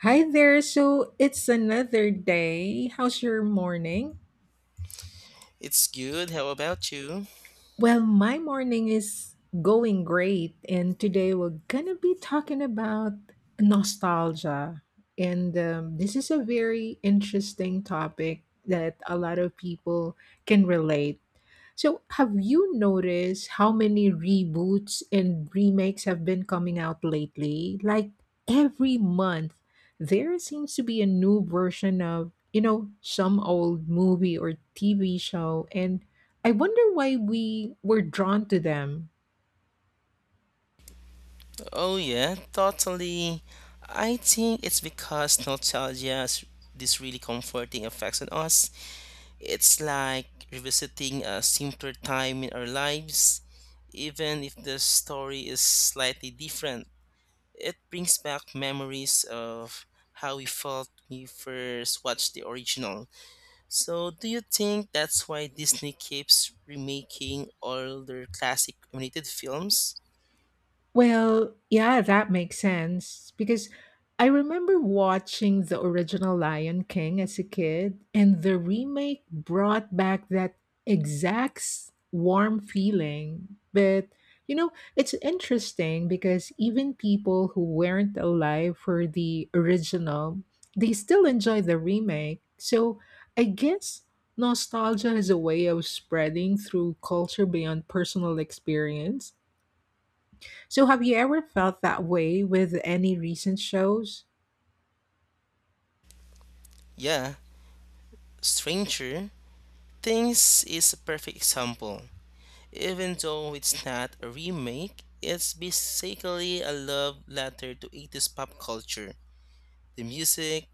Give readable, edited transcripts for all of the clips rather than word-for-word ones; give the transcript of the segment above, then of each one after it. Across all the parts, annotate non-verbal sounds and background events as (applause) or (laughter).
Hi there. So it's another day. How's your morning? It's good. How about you? Well, my morning is going great. And today we're going to be talking about nostalgia. And This is a very interesting topic that a lot of people can relate. So, have you noticed how many reboots and remakes have been coming out lately? Like every month, there seems to be a new version of, you know, some old movie or TV show. And I wonder why we were drawn to them. Oh, yeah, totally. I think it's because nostalgia has this really comforting effects on us. It's like revisiting a simpler time in our lives, even if the story is slightly different. It brings back memories of how we felt when we first watched the original. So, do you think that's why Disney keeps remaking all their classic animated films? Well, yeah, that makes sense because I remember watching the original Lion King as a kid, and the remake brought back that warm feeling. But, you know, it's interesting because even people who weren't alive for the original, they still enjoy the remake. So I guess nostalgia is a way of spreading through culture beyond personal experience. So, have you ever felt that way with any recent shows? Yeah, Stranger Things is a perfect example. Even though it's not a remake, it's basically a love letter to 80s pop culture. The music,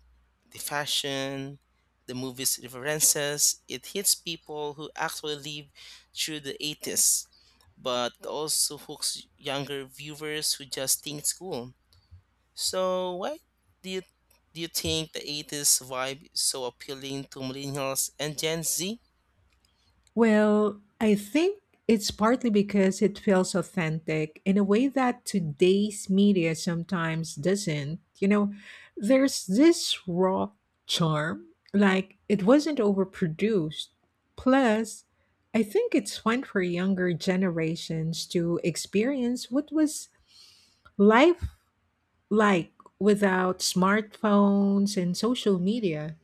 the fashion, the movie's references, it hits people who actually live through the 80s, but also hooks younger viewers who just think it's cool. So, why do you, do you think the 80s vibe is so appealing to millennials and Gen Z? Well, I think it's partly because it feels authentic in a way that today's media sometimes doesn't. You know, there's this raw charm, like it wasn't overproduced. Plus, I think it's fun for younger generations to experience what was life like without smartphones and social media.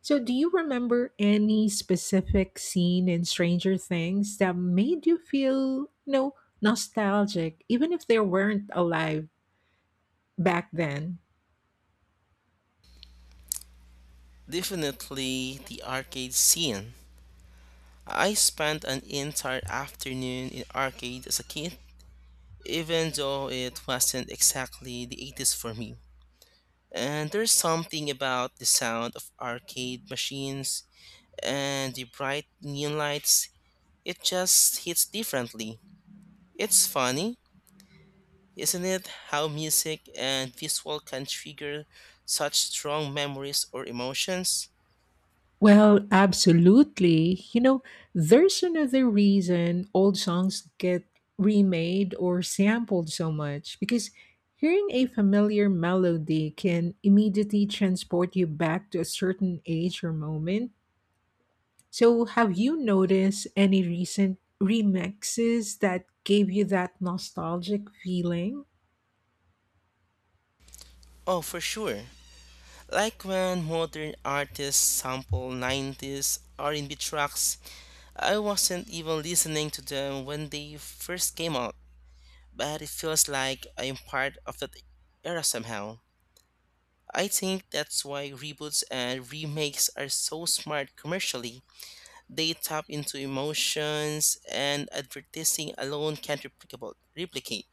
So, do you remember any specific scene in Stranger Things that made you feel, you know, nostalgic, even if they weren't alive back then? Definitely the arcade scene. I spent an entire afternoon in arcade as a kid, even though it wasn't exactly the 80s for me. And there's something about the sound of arcade machines and the bright neon lights, it just hits differently. It's funny, isn't it, how music and visual can trigger such strong memories or emotions? Well, absolutely. You know, there's another reason old songs get remade or sampled so much because hearing a familiar melody can immediately transport you back to a certain age or moment. So, have you noticed any recent remixes that gave you that nostalgic feeling? Oh, for sure. Like when modern artists sample 90s R&B tracks, I wasn't even listening to them when they first came out, but it feels like I'm part of that era somehow. I think that's why reboots and remakes are so smart commercially. They tap into emotions and advertising alone can't replicate.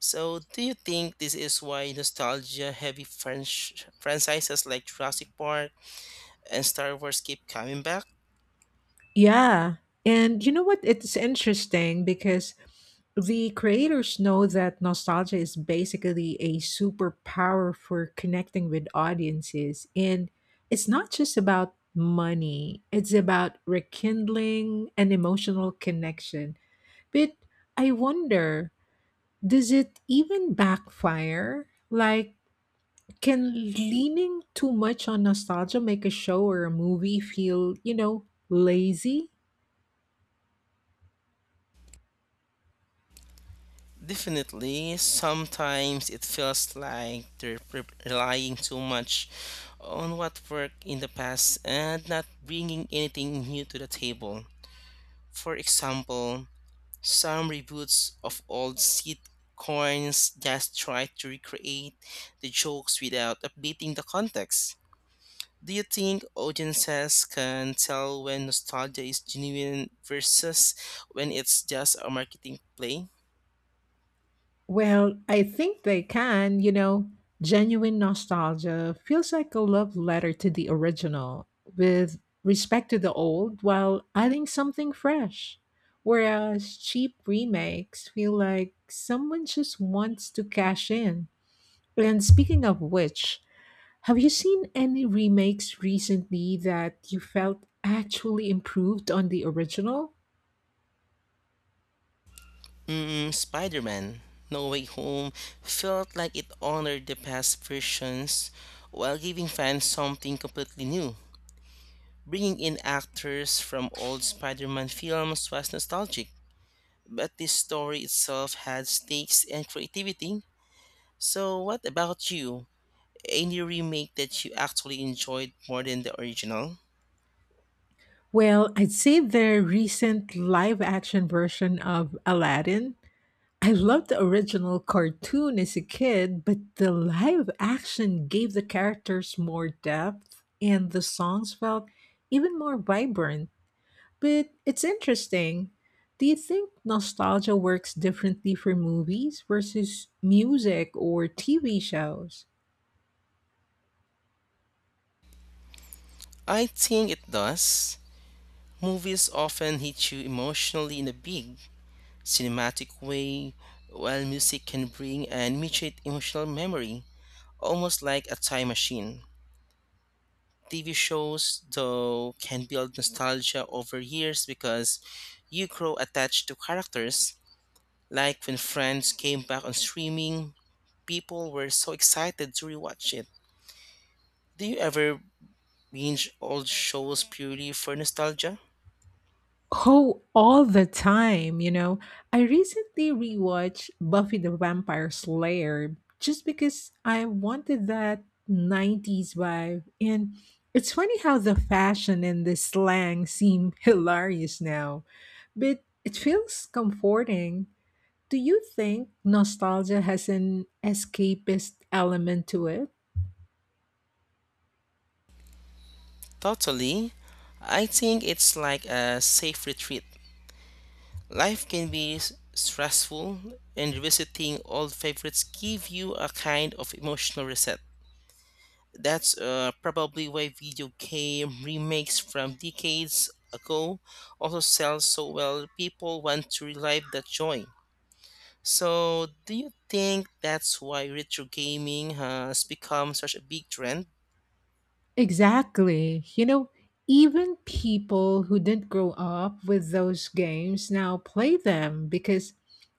So, do you think this is why nostalgia heavy franchises like Jurassic Park and Star Wars keep coming back? Yeah. And you know what? It's interesting because the creators know that nostalgia is basically a superpower for connecting with audiences. And it's not just about money, it's about rekindling an emotional connection. But I wonder, does it even backfire? Like, can leaning too much on nostalgia make a show or a movie feel, you know, lazy? Definitely, sometimes it feels like they're relying too much on what worked in the past and not bringing anything new to the table. For example, some reboots of old sitcoms just try to recreate the jokes without updating the context. Do you think audiences can tell when nostalgia is genuine versus when it's just a marketing play? Well, I think they can, you know. Genuine nostalgia feels like a love letter to the original with respect to the old while adding something fresh. Whereas cheap remakes feel like someone just wants to cash in. And speaking of which, have you seen any remakes recently that you felt actually improved on the original? Mm, Spider Man No Way Home felt like it honored the past versions while giving fans something completely new. Bringing in actors from old Spider Man films was nostalgic, but the story itself had stakes and creativity. So, what about you? Any remake that you actually enjoyed more than the original? Well, I'd say their recent live action version of Aladdin. I loved the original cartoon as a kid, but the live action gave the characters more depth and the songs felt even more vibrant. But it's interesting. Do you think nostalgia works differently for movies versus music or TV shows? I think it does. Movies often hit you emotionally in a big, cinematic way, while music can bring an immediate emotional memory, almost like a time machine. TV shows, though, can build nostalgia over years because you grow attached to characters. Like when Friends came back on streaming, people were so excited to rewatch it. Do you ever binge old shows purely for nostalgia? Oh, all the time, you know. I recently rewatched Buffy the Vampire Slayer just because I wanted that 90s vibe. And it's funny how the fashion and the slang seem (laughs) hilarious now, but it feels comforting. Do you think nostalgia has an escapist element to it? Totally. I think it's like a safe retreat. Life can be stressful, and revisiting old favorites give you a kind of emotional reset. That's probably why video game remakes from decades ago also sell so well. People want to relive that joy. So, do you think that's why retro gaming has become such a big trend? Exactly. You know, even people who didn't grow up with those games now play them because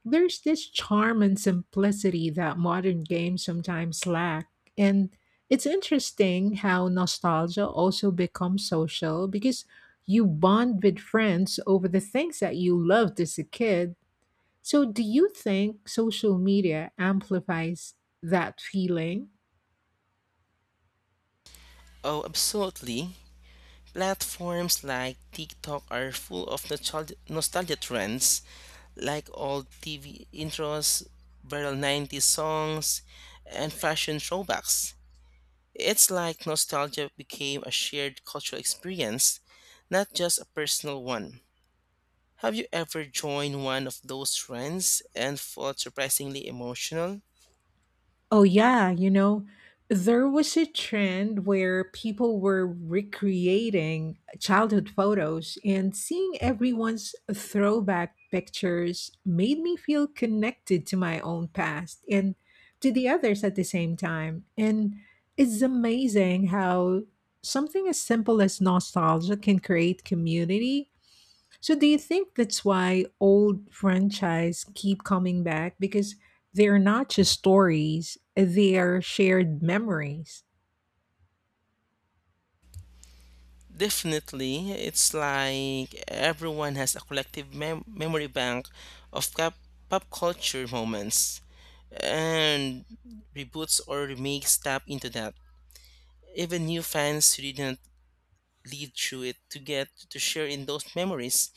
there's this charm and simplicity that modern games sometimes lack. And it's interesting how nostalgia also becomes social because you bond with friends over the things that you loved as a kid. So, do you think social media amplifies that feeling? Oh, absolutely. Platforms like TikTok are full of nostalgia trends, like old TV intros, viral 90s songs, and fashion throwbacks. It's like nostalgia became a shared cultural experience, not just a personal one. Have you ever joined one of those trends and felt surprisingly emotional? Oh, yeah. You know, there was a trend where people were recreating childhood photos, and seeing everyone's throwback pictures made me feel connected to my own past and to the others at the same time. And it's amazing how something as simple as nostalgia can create community. So do you think that's why old franchise keep coming back because they're not just stories, they're shared memories? Definitely, it's like everyone has a collective memory bank of pop culture moments, and reboots or remakes tap into that. Even new fans who didn't live through it to get to share in those memories.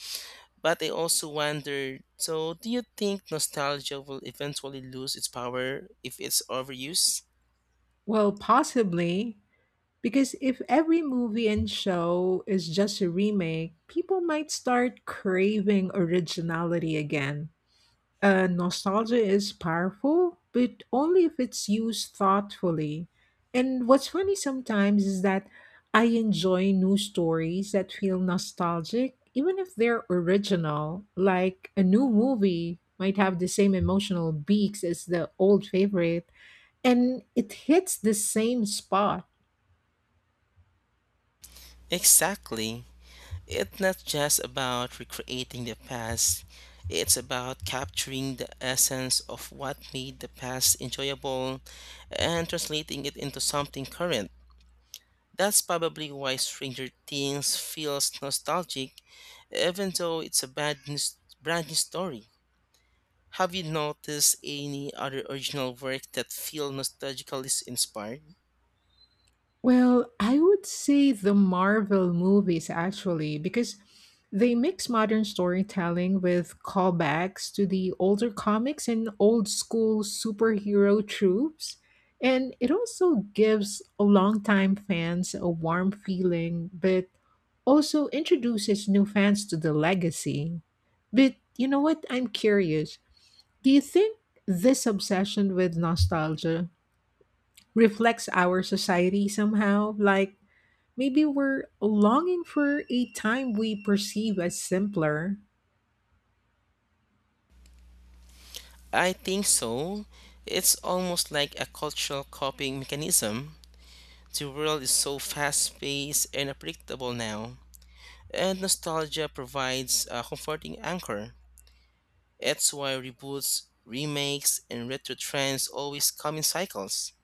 But I also wonder, so, do you think nostalgia will eventually lose its power if it's overused? Well, possibly, because if every movie and show is just a remake, people might start craving originality again. Nostalgia is powerful, but only if it's used thoughtfully. And what's funny sometimes is that I enjoy new stories that feel nostalgic, even if they're original. Like a new movie might have the same emotional beats as the old favorite, and it hits the same spot. Exactly. It's not just about recreating the past, it's about capturing the essence of what made the past enjoyable and translating it into something current. That's probably why Stranger Things feels nostalgic, even though it's a bad news, brand new story. Have you noticed any other original work that feel nostalgically inspired? Well, I would say the Marvel movies actually, because they mix modern storytelling with callbacks to the older comics and old school superhero tropes. And it also gives longtime fans a warm feeling, but also introduces new fans to the legacy. But you know what? I'm curious. Do you think this obsession with nostalgia reflects our society somehow? Like, maybe we're longing for a time we perceive as simpler. I think so. It's almost like a cultural copying mechanism. The world is so fast paced and unpredictable now, and nostalgia provides a comforting anchor. That's why reboots, remakes, and retro trends always come in cycles.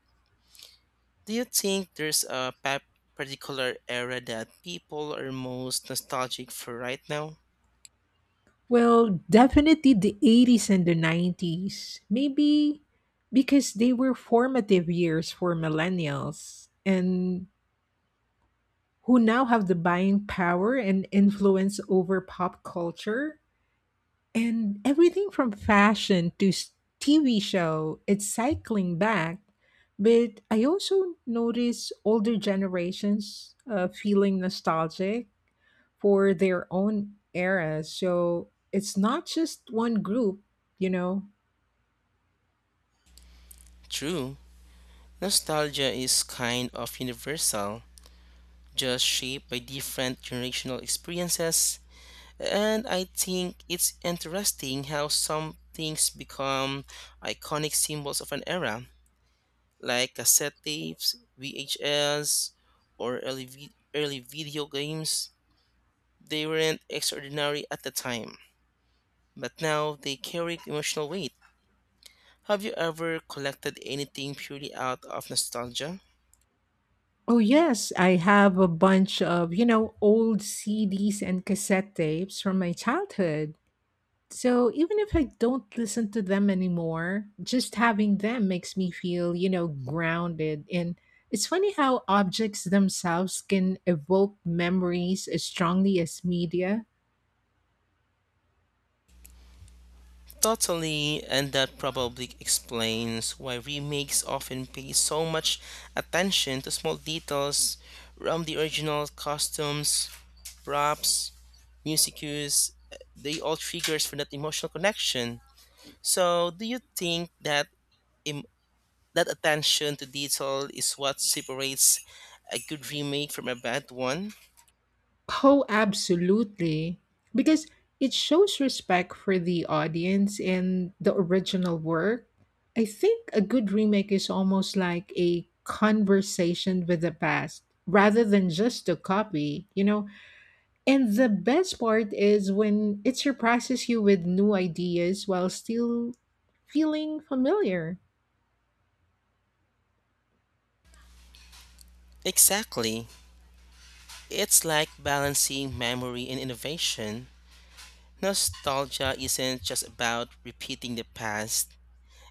Do you think there's a particular era that people are most nostalgic for right now? Well, definitely the 80s and the 90s. Maybe because they were formative years for millennials and who now have the buying power and influence over pop culture and everything from fashion to s- TV show, it's cycling back. But I also notice older generations feeling nostalgic for their own era. So it's not just one group, you know. True, nostalgia is kind of universal, just shaped by different generational experiences. And I think it's interesting how some things become iconic symbols of an era, like cassette tapes, VHS, or early video games. They weren't extraordinary at the time, but now they carry emotional weight. Have you ever collected anything purely out of nostalgia? Oh, yes, I have a bunch of, you know, old CDs and cassette tapes from my childhood. So even if I don't listen to them anymore, just having them makes me feel, you know, grounded. And it's funny how objects themselves can evoke memories as strongly as media. Totally, and that probably explains why remakes often pay so much attention to small details from the original costumes, props, music cues. They all triggers for that emotional connection. So, do you think that im- that attention to detail is what separates a good remake from a bad one? Oh, absolutely. Because it shows respect for the audience and the original work. I think a good remake is almost like a conversation with the past rather than just a copy, you know? And the best part is when it surprises you with new ideas while still feeling familiar. Exactly. It's like balancing memory and innovation. Nostalgia isn't just about repeating the past,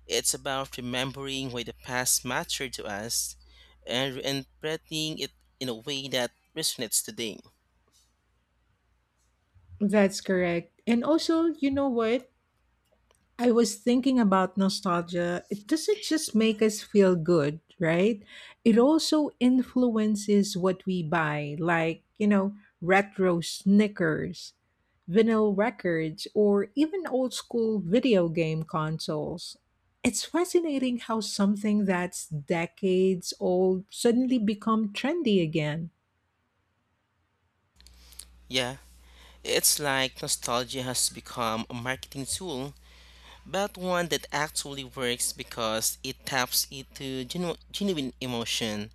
it's about remembering why the past mattered to us and interpreting it in a way that resonates today. That's correct. And also, you know what? I was thinking about nostalgia. It doesn't just make us feel good, right? It also influences what we buy, like, you know, retro sneakers, vinyl records, or even old school video game consoles. It's fascinating how something that's decades old suddenly become trendy again. Yeah, it's like nostalgia has become a marketing tool, but one that actually works because it taps into genuine emotion.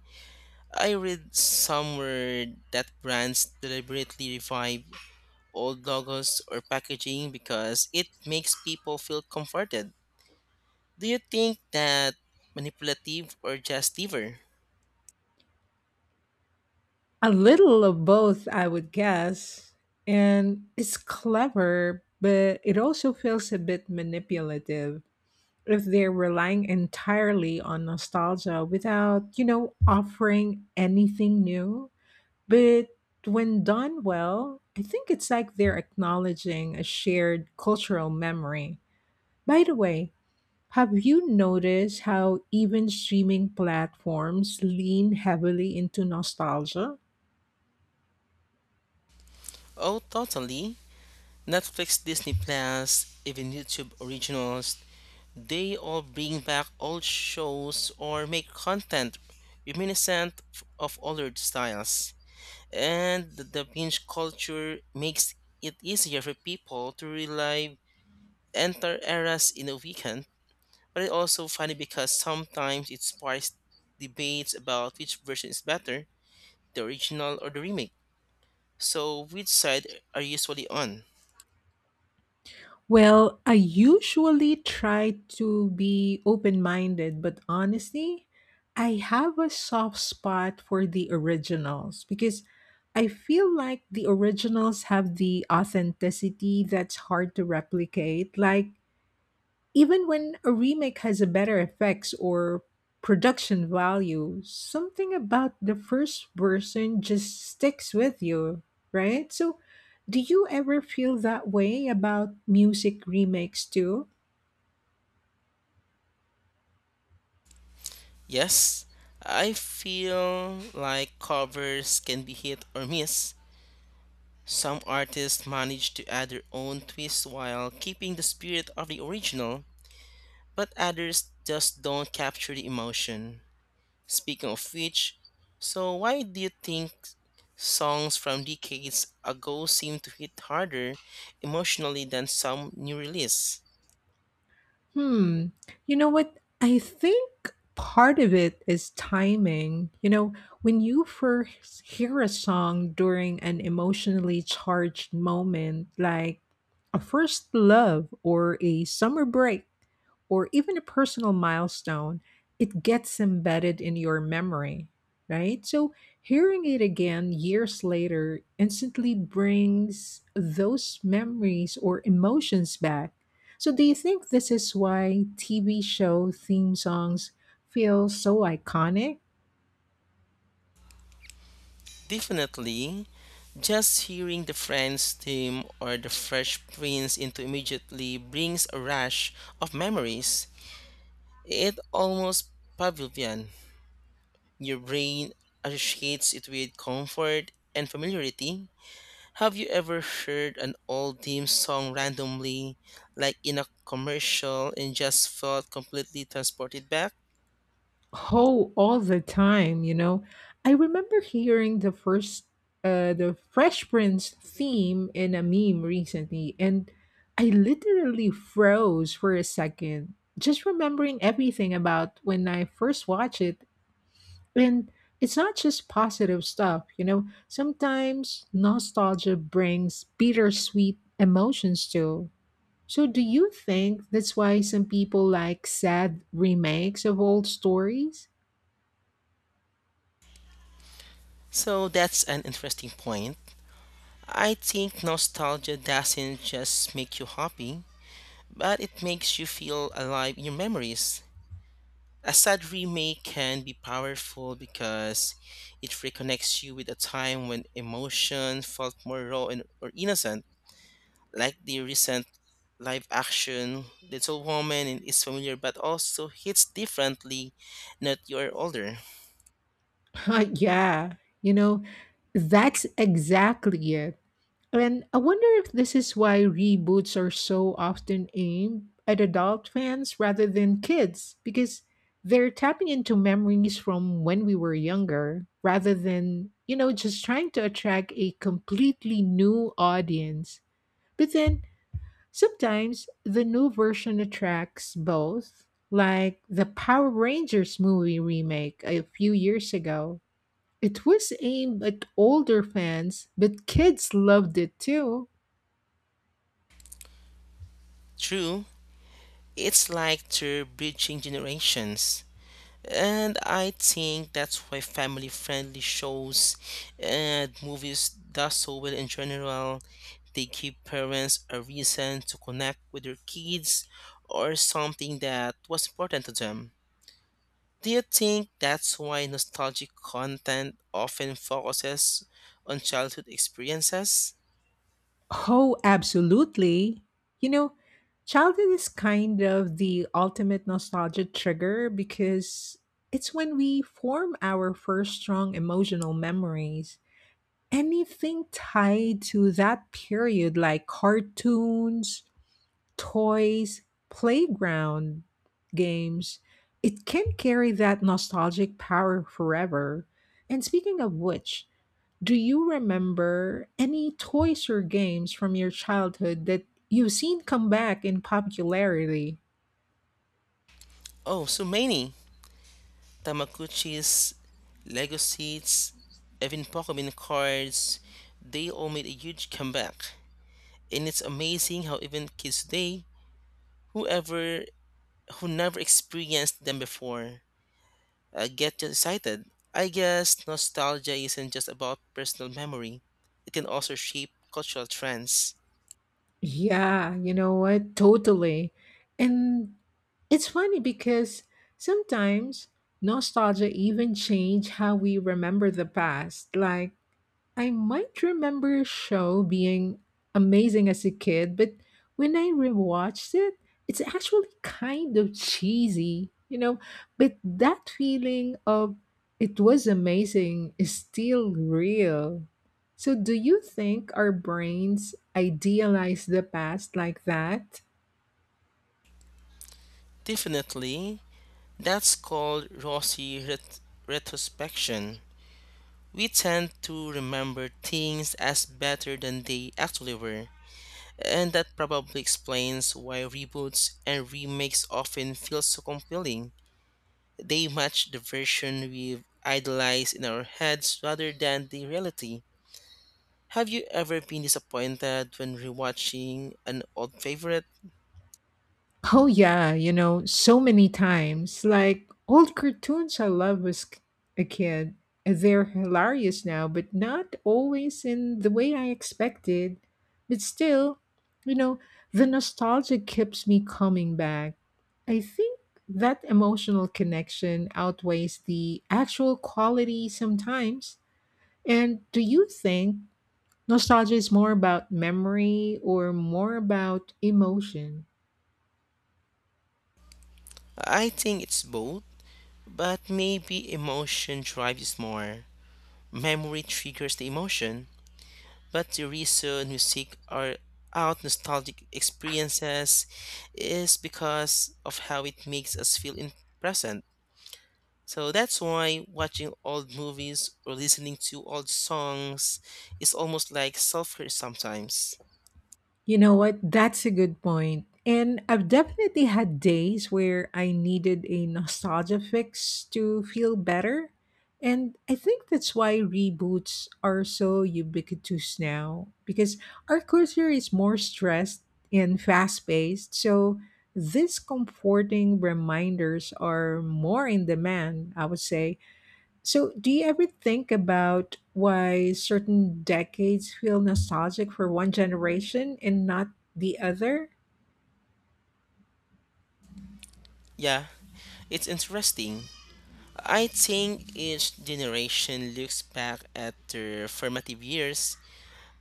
I read somewhere that brands deliberately revive old logos or packaging because it makes people feel comforted. Do you think that manipulative or just clever? A little of both, I would guess. And it's clever, but it also feels a bit manipulative if they're relying entirely on nostalgia without, you know, offering anything new. But when done well, I think it's like they're acknowledging a shared cultural memory. By the way, have you noticed how even streaming platforms lean heavily into nostalgia? Oh, totally. Netflix, Disney Plus, even YouTube originals, they all bring back old shows or make content reminiscent of older styles. And the binge culture makes it easier for people to relive enter eras in a weekend. But it's also funny because sometimes it sparks debates about which version is better, the original or the remake. So, which side are you usually on? Well, I usually try to be open minded, but honestly, I have a soft spot for the originals because I feel like the originals have the authenticity that's hard to replicate. Like, even when a remake has a better effects or production value, something about the first version just sticks with you, right? So, do you ever feel that way about music remakes too? Yes, I feel like covers can be hit or miss. Some artists manage to add their own twist while keeping the spirit of the original, but others just don't capture the emotion. Speaking of which, so why do you think songs from decades ago seem to hit harder emotionally than some new release? Hmm. You know what? I think part of it is timing. You know, when you first hear a song during an emotionally charged moment, like a first love or a summer break, or even a personal milestone, it gets embedded in your memory, right? So hearing it again years later instantly brings those memories or emotions back. So do you think this is why TV show theme songs feel so iconic? Definitely, just hearing the Friends theme or the Fresh Prince into immediately brings a rush of memories. It almost pavilion. Your brain associates it with comfort and familiarity. Have you ever heard an old theme song randomly, like in a commercial, and just felt completely transported back? Oh, all the time, you know. I remember hearing the Fresh Prince theme in a meme recently and I literally froze for a second just remembering everything about when I first watched it. And it's not just positive stuff, you know. Sometimes nostalgia brings bittersweet emotions too. So do you think that's why some people like sad remakes of old stories? So that's an interesting point. I think nostalgia doesn't just make you happy, but it makes you feel alive in your memories. A sad remake can be powerful because it reconnects you with a time when emotion felt more raw and or innocent, like the recent live action Little Woman and is familiar but also hits differently not you're older. (laughs) Yeah, you know, that's exactly it. And I wonder if this is why reboots are so often aimed at adult fans rather than kids, because they're tapping into memories from when we were younger rather than, you know, just trying to attract a completely new audience. But then sometimes the new version attracts both, like the Power Rangers movie remake a few years ago. It was aimed at older fans, but kids loved it too. True, it's like they're bridging generations. And I think that's why family friendly shows and movies does so well in general. They give parents a reason to connect with their kids or something that was important to them. Do you think that's why nostalgic content often focuses on childhood experiences? Oh, absolutely. You know, childhood is kind of the ultimate nostalgia trigger because it's when we form our first strong emotional memories. Anything tied to that period, like cartoons, toys, playground games, it can carry that nostalgic power forever. And speaking of which, do you remember any toys or games from your childhood that you've seen come back in popularity? Oh, so many Tamaguchis, Lego sets, even Pokemon cards, they all made a huge comeback. And it's amazing how even kids today, whoever who never experienced them before, get just excited. I guess nostalgia isn't just about personal memory; it can also shape cultural trends. Yeah, you know what? Totally. And it's funny because sometimes nostalgia even change how we remember the past. Like I might remember a show being amazing as a kid, but when I rewatched it, it's actually kind of cheesy, you know. But that feeling of it was amazing is still real. So, do you think our brains idealize the past like that? Definitely, that's called retrospection. We tend to remember things as better than they actually were, and that probably explains why reboots and remakes often feel so compelling. They match the version we've idolized in our heads rather than the reality. Have you ever been disappointed when rewatching an old favorite? Oh yeah, you know, so many times. Like old cartoons I loved a kid. They're hilarious now, but not always in the way I expected. But still, you know, the nostalgia keeps me coming back. I think that emotional connection outweighs the actual quality sometimes. And do you think nostalgia is more about memory or more about emotion? I think it's both, but maybe emotion drives us more. Memory triggers the emotion, but the reason we seek our out nostalgic experiences is because of how it makes us feel in present. So that's why watching old movies or listening to old songs is almost like self-care sometimes. You know what? That's a good point. And I've definitely had days where I needed a nostalgia fix to feel better. And I think that's why reboots are so ubiquitous now, because our culture is more stressed and fast paced. So these comforting reminders are more in demand, I would say. So, do you ever think about why certain decades feel nostalgic for one generation and not the other? Yeah, it's interesting. I think each generation looks back at their formative years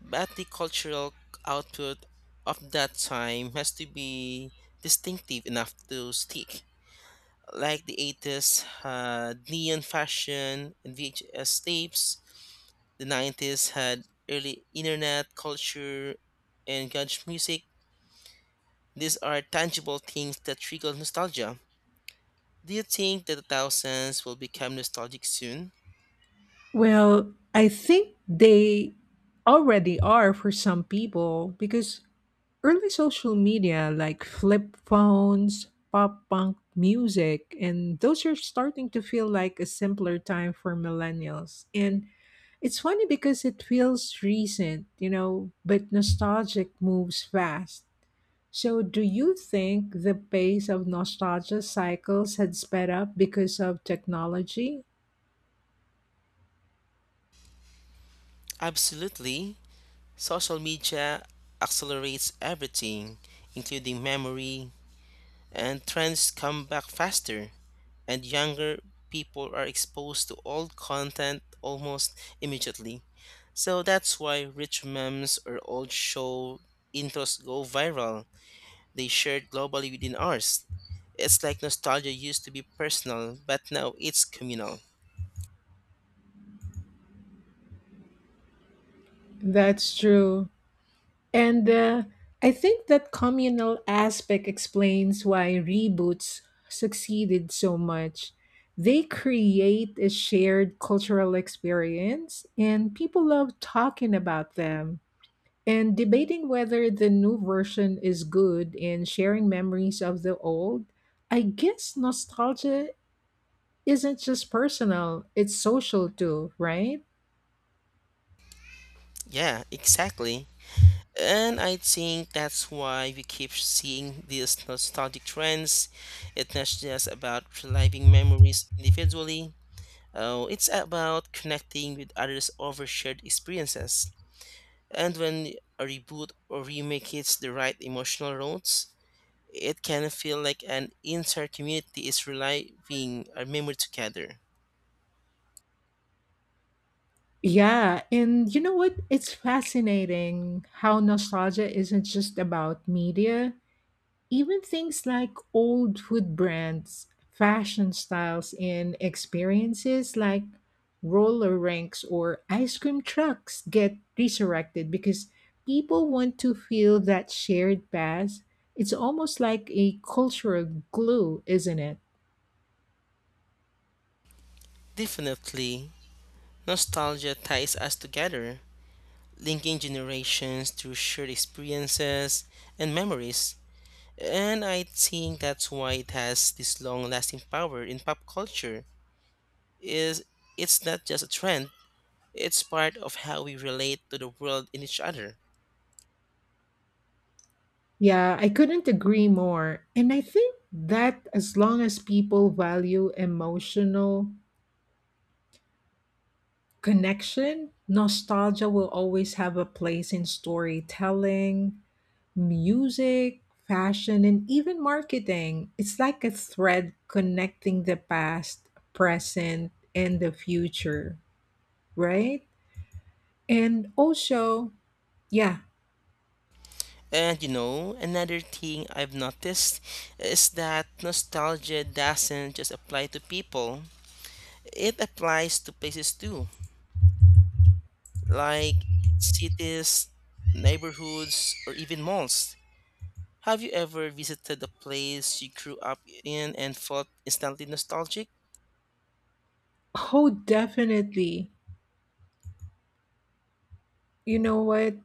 but the cultural output of that time has to be distinctive enough to stick. Like the 80s had neon fashion and VHS tapes, the 90s had early internet culture and grunge music. These are tangible things that trigger nostalgia. Do you think that the thousands will become nostalgic soon? Well, I think they already are for some people because early social media like flip phones, pop punk music, and those are starting to feel like a simpler time for millennials. And it's funny because it feels recent, you know, but nostalgic moves fast. So, do you think the pace of nostalgia cycles had sped up because of technology? Absolutely. Social media accelerates everything, including memory, and trends come back faster, and younger people are exposed to old content almost immediately. So that's why rich memes or old show intros go viral. They shared globally within ours. It's like nostalgia used to be personal, but now it's communal. That's true. And I think that communal aspect explains why reboots succeeded so much. They create a shared cultural experience, and people love talking about them and debating whether the new version is good and sharing memories of the old. I guess nostalgia isn't just personal, it's social too, right? Yeah, exactly. And I think that's why we keep seeing these nostalgic trends. It's not just about reliving memories individually. Oh, it's about connecting with others over shared experiences. And when a reboot or remake hits the right emotional notes, it can feel like an entire community is reliving a memory together. Yeah, and you know what? It's fascinating how nostalgia isn't just about media. Even things like old food brands, fashion styles, and experiences like roller rinks or ice cream trucks get resurrected because people want to feel that shared past. It's almost like a cultural glue, isn't it? Definitely, nostalgia ties us together, linking generations through shared experiences and memories. And I think that's why it has this long-lasting power in pop culture. Is it's not just a trend, it's part of how we relate to the world and each other. Yeah, I couldn't agree more. And I think that as long as people value emotional connection, nostalgia will always have a place in storytelling, music, fashion, and even marketing. It's like a thread connecting the past, present, and the future, right? And also, yeah. And you know, another thing I've noticed is that nostalgia doesn't just apply to people, it applies to places too, like cities, neighborhoods, or even malls. Have you ever visited a place you grew up in and felt instantly nostalgic? Oh, definitely. You know what?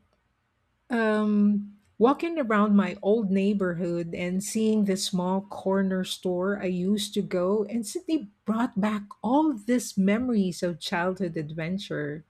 Walking around my old neighborhood and seeing the small corner store I used to go instantly brought back all these memories of childhood adventure.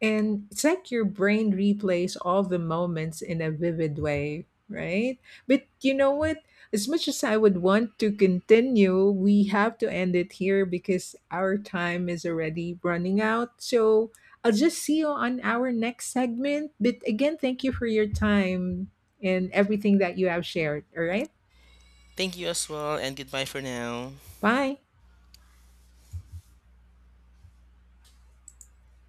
And it's like your brain replays all the moments in a vivid way, right? But you know what? As much as I would want to continue, we have to end it here because our time is already running out. So I'll just see you on our next segment. But again, thank you for your time and everything that you have shared. All right? Thank you as well, and goodbye for now. Bye.